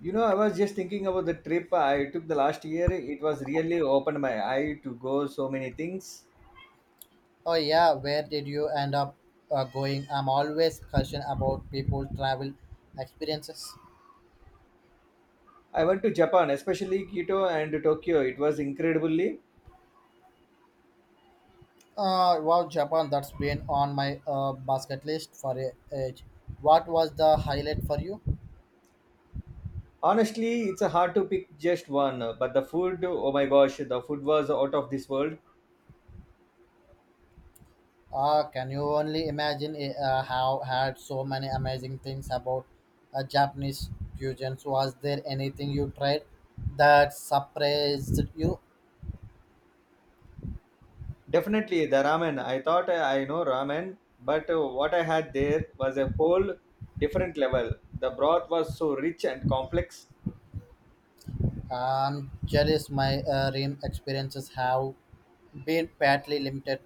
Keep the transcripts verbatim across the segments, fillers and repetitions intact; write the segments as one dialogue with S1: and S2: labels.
S1: You know, I was just thinking about the trip I took the last year. It was really opened my eye to go so many things.
S2: Oh yeah, where did you end up uh, going? I'm always curious about people travel experiences.
S1: I went to Japan, especially Kyoto and Tokyo. It was incredibly.
S2: Uh, wow, Japan, that's been on my uh, basket list for a age. What was the highlight for you?
S1: Honestly, it's hard to pick just one, but the food, oh my gosh, the food was out of this world.
S2: Uh, can you only imagine eh, uh, how had so many amazing things about uh, Japanese fusions? Was there anything you tried that surprised you?
S1: Definitely the ramen. I thought I know ramen, but what I had there was a whole different level. The broth was so rich and complex.
S2: I'm jealous my uh, rim experiences have been badly limited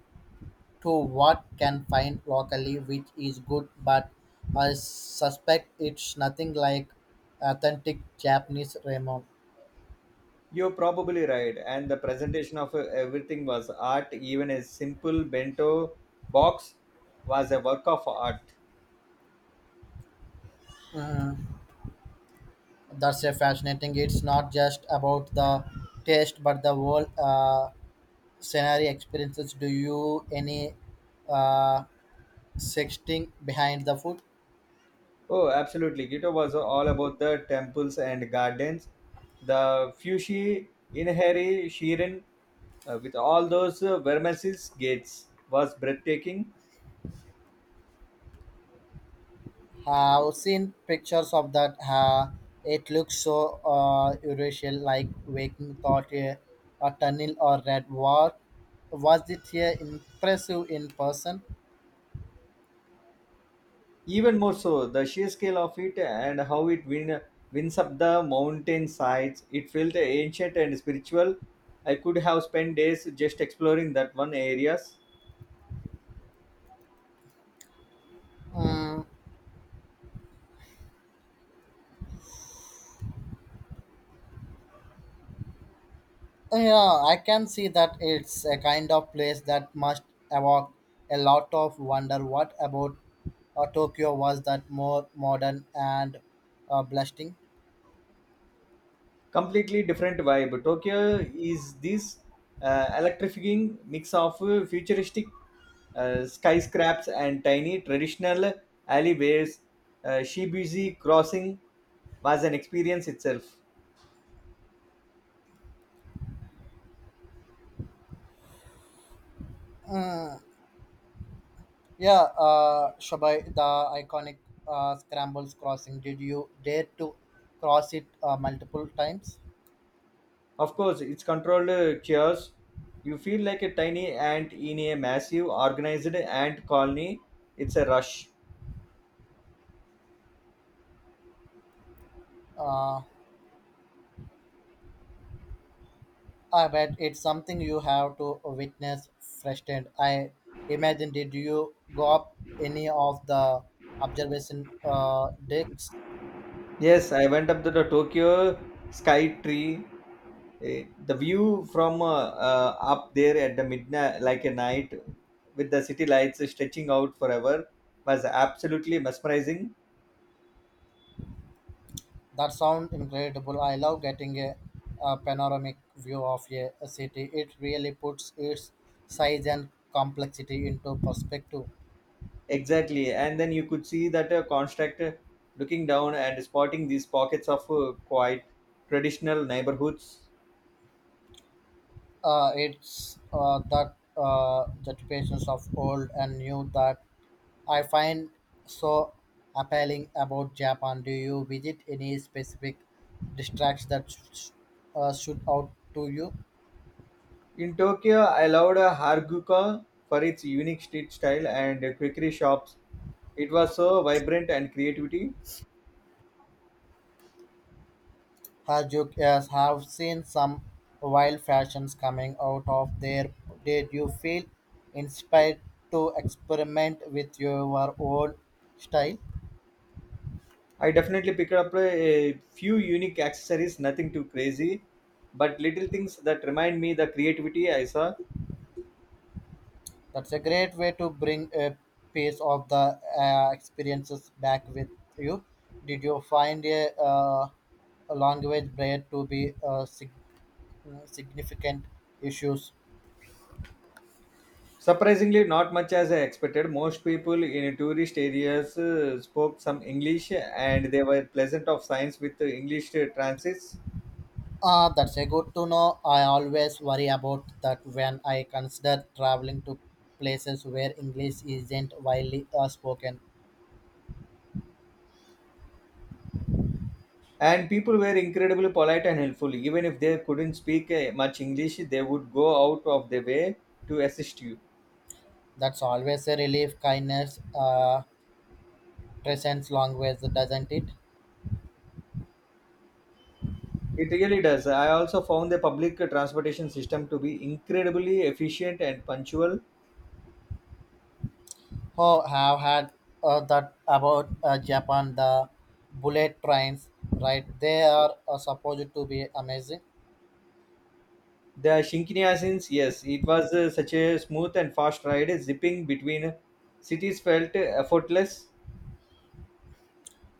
S2: to what can find locally, which is good, but I suspect it's nothing like authentic Japanese ramen.
S1: You're probably right. And the presentation of uh, everything was art. Even a simple bento box was a work of art.
S2: Mm, that's a fascinating. It's not just about the taste, but the whole uh, scenario experiences. Do you any uh, sexting behind the food?
S1: Oh, absolutely. Kyoto was all about the temples and gardens. The Fushi Inahari Shirin uh, with all those uh, Vermeer's gates was breathtaking.
S2: Have seen pictures of that. Uh, it looks so uh, Eurasian, like waking thought a, a tunnel or red walk. Was it here impressive in person?
S1: Even more so, the sheer scale of it and how it win, wins up the mountain sides, it felt ancient and spiritual. I could have spent days just exploring that one areas.
S2: Mm, yeah, I can see that it's a kind of place that must evoke a lot of wonder. What about uh, Tokyo, was that more modern and uh, blasting?
S1: Completely different vibe. Tokyo is this uh, electrifying mix of uh, futuristic uh, skyscrapers and tiny traditional alleyways. Uh, Shibuya Crossing was an experience itself.
S2: Yeah, uh, Shabai, the iconic uh, Scrambles crossing. Did you dare to cross it uh, multiple times?
S1: Of course, it's controlled uh, chaos. You feel like a tiny ant in a massive organized ant colony. It's a rush.
S2: Uh, I bet it's something you have to witness firsthand. I imagine, did you go up any of the observation uh, decks?
S1: Yes, I went up to the Tokyo Sky Tree. Eh, The view from uh, uh, up there at the midnight, like a night, with the city lights stretching out forever, was absolutely mesmerizing.
S2: That sounds incredible. I love getting a, a panoramic view of a, a city. It really puts its size and complexity into perspective.
S1: Exactly, and then you could see that uh, construct uh, looking down and spotting these pockets of uh, quite traditional neighborhoods.
S2: Uh, it's uh, that uh, that patience of old and new that I find so appealing about Japan. Do you visit any specific districts that sh- uh, should out to you?
S1: In Tokyo, I loved Harajuku for its unique street style and quirky shops. It was so vibrant and creativity.
S2: As you uh, have seen some wild fashions coming out of there, did you feel inspired to experiment with your own style?
S1: I definitely picked up a few unique accessories, nothing too crazy, but little things that remind me the creativity I saw.
S2: That's a great way to bring a piece of the uh, experiences back with you. Did you find a, uh, a language barrier to be uh, sig- uh, significant issues?
S1: Surprisingly, not much as I expected. Most people in tourist areas uh, spoke some English and they were pleasant of signs with uh, English uh, transits.
S2: Ah, that's a good to know. I always worry about that when I consider traveling to places where English isn't widely uh, spoken.
S1: And people were incredibly polite and helpful. Even if they couldn't speak eh, much English, they would go out of their way to assist you.
S2: That's always a relief, kindness, uh, transcends language, doesn't it?
S1: It really does. I also found the public transportation system to be incredibly efficient and punctual.
S2: Oh, have had uh, that about uh, Japan, the bullet trains, right? They are uh, supposed to be amazing.
S1: The Shinkansen, yes, it was uh, such a smooth and fast ride, zipping between cities felt effortless.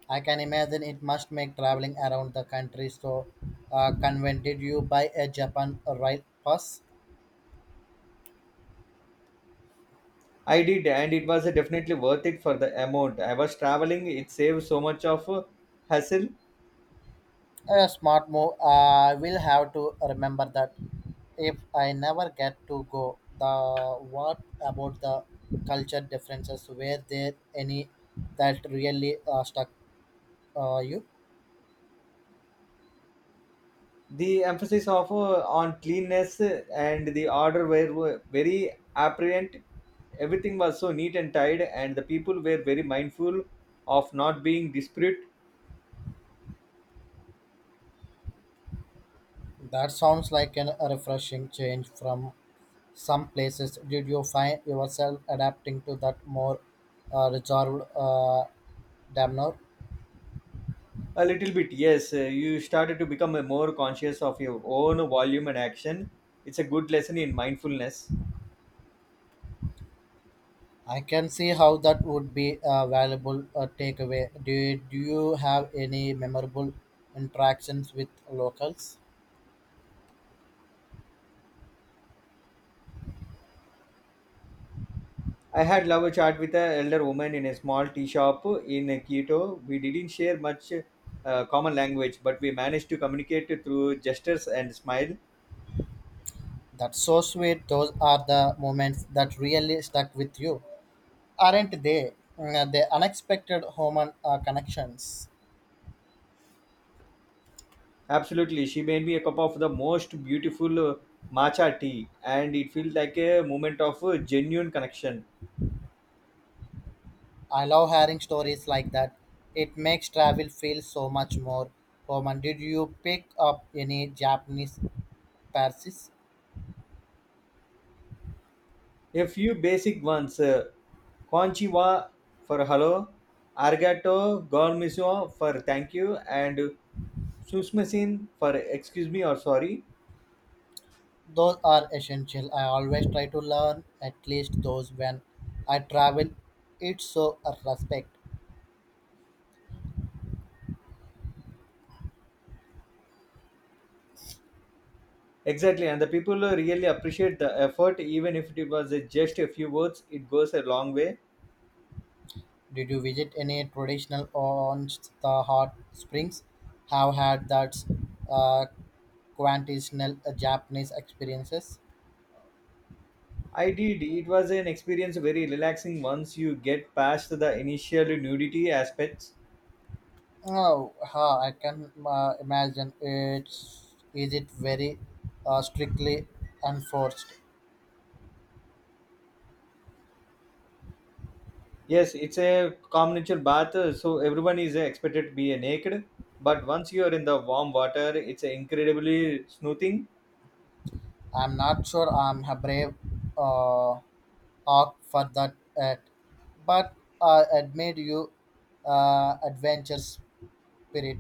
S2: I can imagine it must make traveling around the country so uh, convenient. You buy a Japan rail pass?
S1: I did, and it was definitely worth it for the amount I was traveling. It saved so much of uh, hassle.
S2: A smart move. I will have to remember that. If I never get to go, the what about the culture differences? Were there any that really uh, stuck uh, you?
S1: The emphasis of uh, on cleanness uh, and the order were were very apparent. Everything was so neat and tidy and the people were very mindful of not being disparate.
S2: That sounds like an, a refreshing change from some places. Did you find yourself adapting to that more uh, reserved uh, demeanor?
S1: A little bit, yes. Uh, you started to become uh, more conscious of your own volume and action. It's a good lesson in mindfulness.
S2: I can see how that would be a valuable uh, takeaway. Did you have any memorable interactions with locals?
S1: I had love a chat with an elder woman in a small tea shop in quito. We didn't share much uh, common language, but we managed to communicate through gestures and smile.
S2: That's so sweet. Those are the moments that really stuck with you, aren't they? Mm, uh, The unexpected human uh, connections.
S1: Absolutely. She made me a cup of the most beautiful uh, matcha tea, and it feels like a moment of uh, genuine connection.
S2: I love hearing stories like that. It makes travel feel so much more human. Did you pick up any Japanese phrases?
S1: A few basic ones. uh, Konchiwa for hello, Argato, Gormisio for thank you, and Susmasin for excuse me or sorry.
S2: Those are essential. I always try to learn at least those when I travel. It's so a respect.
S1: Exactly, and the people uh, really appreciate the effort, even if it was uh, just a few words, it goes a long way.
S2: Did you visit any traditional orange the hot springs? Have had that uh, quintessential Japanese experiences?
S1: I did. It was an experience very relaxing once you get past the initial nudity aspects.
S2: Oh, huh, I can uh, imagine. It's is it very uh, strictly enforced.
S1: Yes, it's a communal bath, uh, so everyone is uh, expected to be uh, naked. But once you are in the warm water, it's uh, incredibly soothing.
S2: I'm not sure I'm a brave uh, hawk for that yet, but I admit you uh, adventure spirit.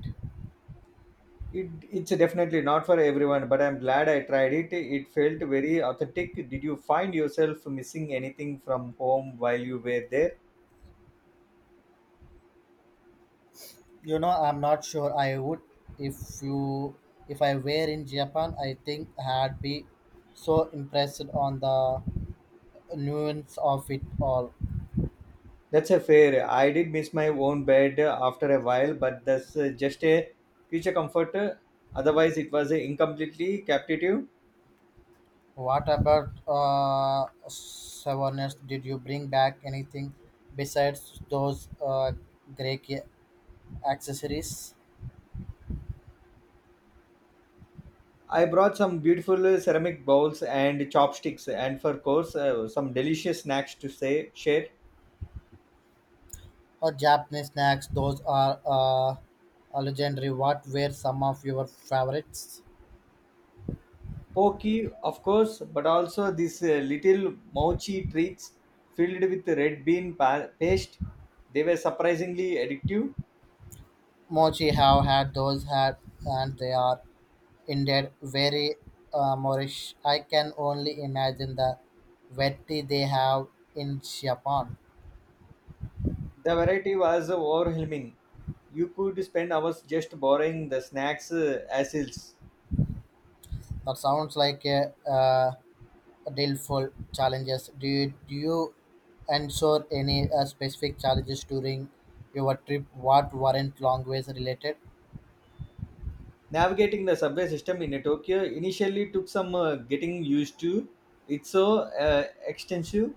S1: It, it's definitely not for everyone, but I'm glad I tried it. It felt very authentic. Did you find yourself missing anything from home while you were there?
S2: You know, I'm not sure I would if you if I were in Japan. I think I'd be so impressed on the nuance of it all.
S1: That's a fair. I did miss my own bed uh, after a while, but that's uh, just a future comfort. Otherwise, it was uh, incompletely captive.
S2: What about uh, souvenirs? Did you bring back anything besides those uh, Greek accessories
S1: I brought some beautiful uh, ceramic bowls and chopsticks, and for course, uh, some delicious snacks to say share.
S2: or Japanese snacks? Those are uh, a legendary. What were some of your favorites?
S1: Pokey, of course, but also these uh, little mochi treats filled with red bean pa- paste. They were surprisingly addictive.
S2: Mochi have had those had, and they are indeed very uh, Moorish. I can only imagine the veti they have in Japan.
S1: The variety was overwhelming. You could spend hours just borrowing the snacks uh, as is.
S2: That sounds like a uh, delightful challenges. Do you, do you ensure any uh, specific challenges during your trip? What weren't language related?
S1: Navigating the subway system in Tokyo initially took some uh, getting used to. It's so uh, extensive.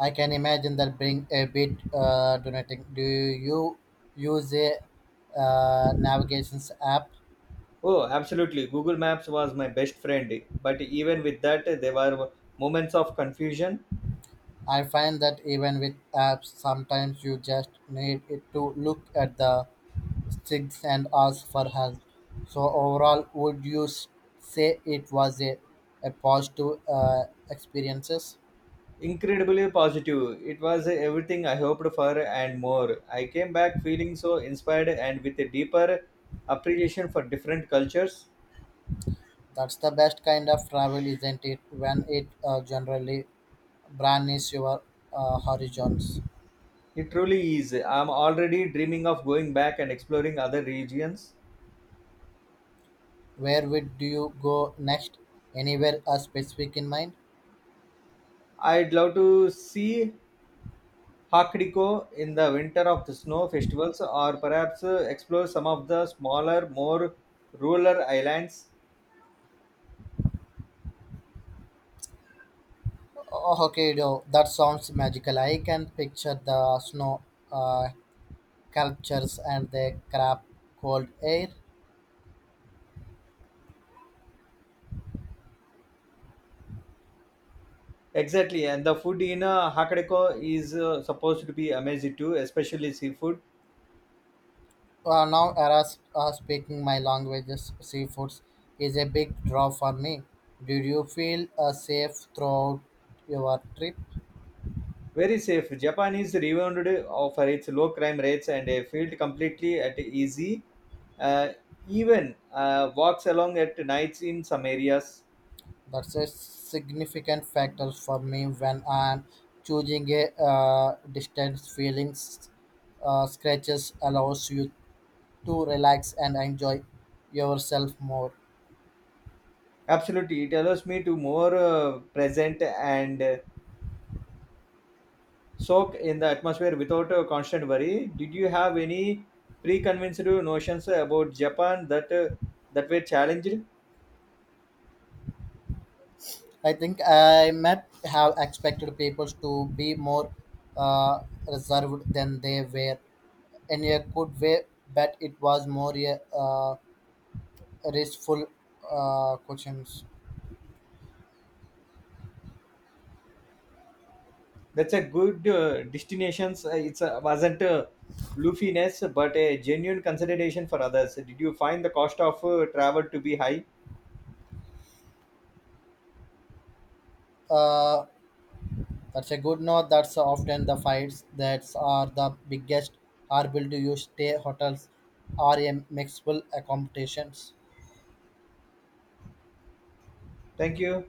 S2: I can imagine that bring a bit uh, donating. Do you use a uh, navigations app?
S1: Oh, absolutely. Google Maps was my best friend. But even with that, there were moments of confusion.
S2: I find that even with apps, sometimes you just need it to look at the sticks and ask for help. So overall, would you s- say it was a, a positive uh, experiences?
S1: Incredibly positive. It was everything I hoped for and more. I came back feeling so inspired and with a deeper appreciation for different cultures.
S2: That's the best kind of travel, isn't it? When it uh, generally broadens your uh, horizons.
S1: It truly is. I'm already dreaming of going back and exploring other regions.
S2: Where would do you go next? Anywhere uh, specific in mind?
S1: I'd love to see Hakuriko in the winter of the snow festivals, or perhaps uh, explore some of the smaller, more rural islands.
S2: Oh, Hokkaido. That sounds magical. I can picture the snow uh, sculptures and the crab cold air.
S1: Exactly, and the food in uh, Hakodate is uh, supposed to be amazing too, especially seafood.
S2: Uh, now, Eras uh, speaking my languages, seafoods is a big draw for me. Did you feel uh, safe throughout your trip?
S1: Very safe. Japan is renowned uh, for its low crime rates and a field completely at easy. Uh, Even uh, walks along at nights in some areas.
S2: That's a significant factor for me when I'm choosing a uh, distance. Feelings uh, scratches allows you to relax and enjoy yourself more.
S1: Absolutely, it allows me to more uh, present and uh, soak in the atmosphere without uh, constant worry. Did you have any preconceived notions about Japan that uh, that were challenged?
S2: I think I might have expected people to be more uh, reserved than they were in a good way, but it was more a uh, restful uh, questions.
S1: That's a good uh, destinations. Uh, It's a, wasn't a loofiness, but a genuine consideration for others. Did you find the cost of uh, travel to be high?
S2: Uh, That's a good note. That's often the fights that are the biggest. Are built to use stay hotels are a mixable accommodations.
S1: Thank you.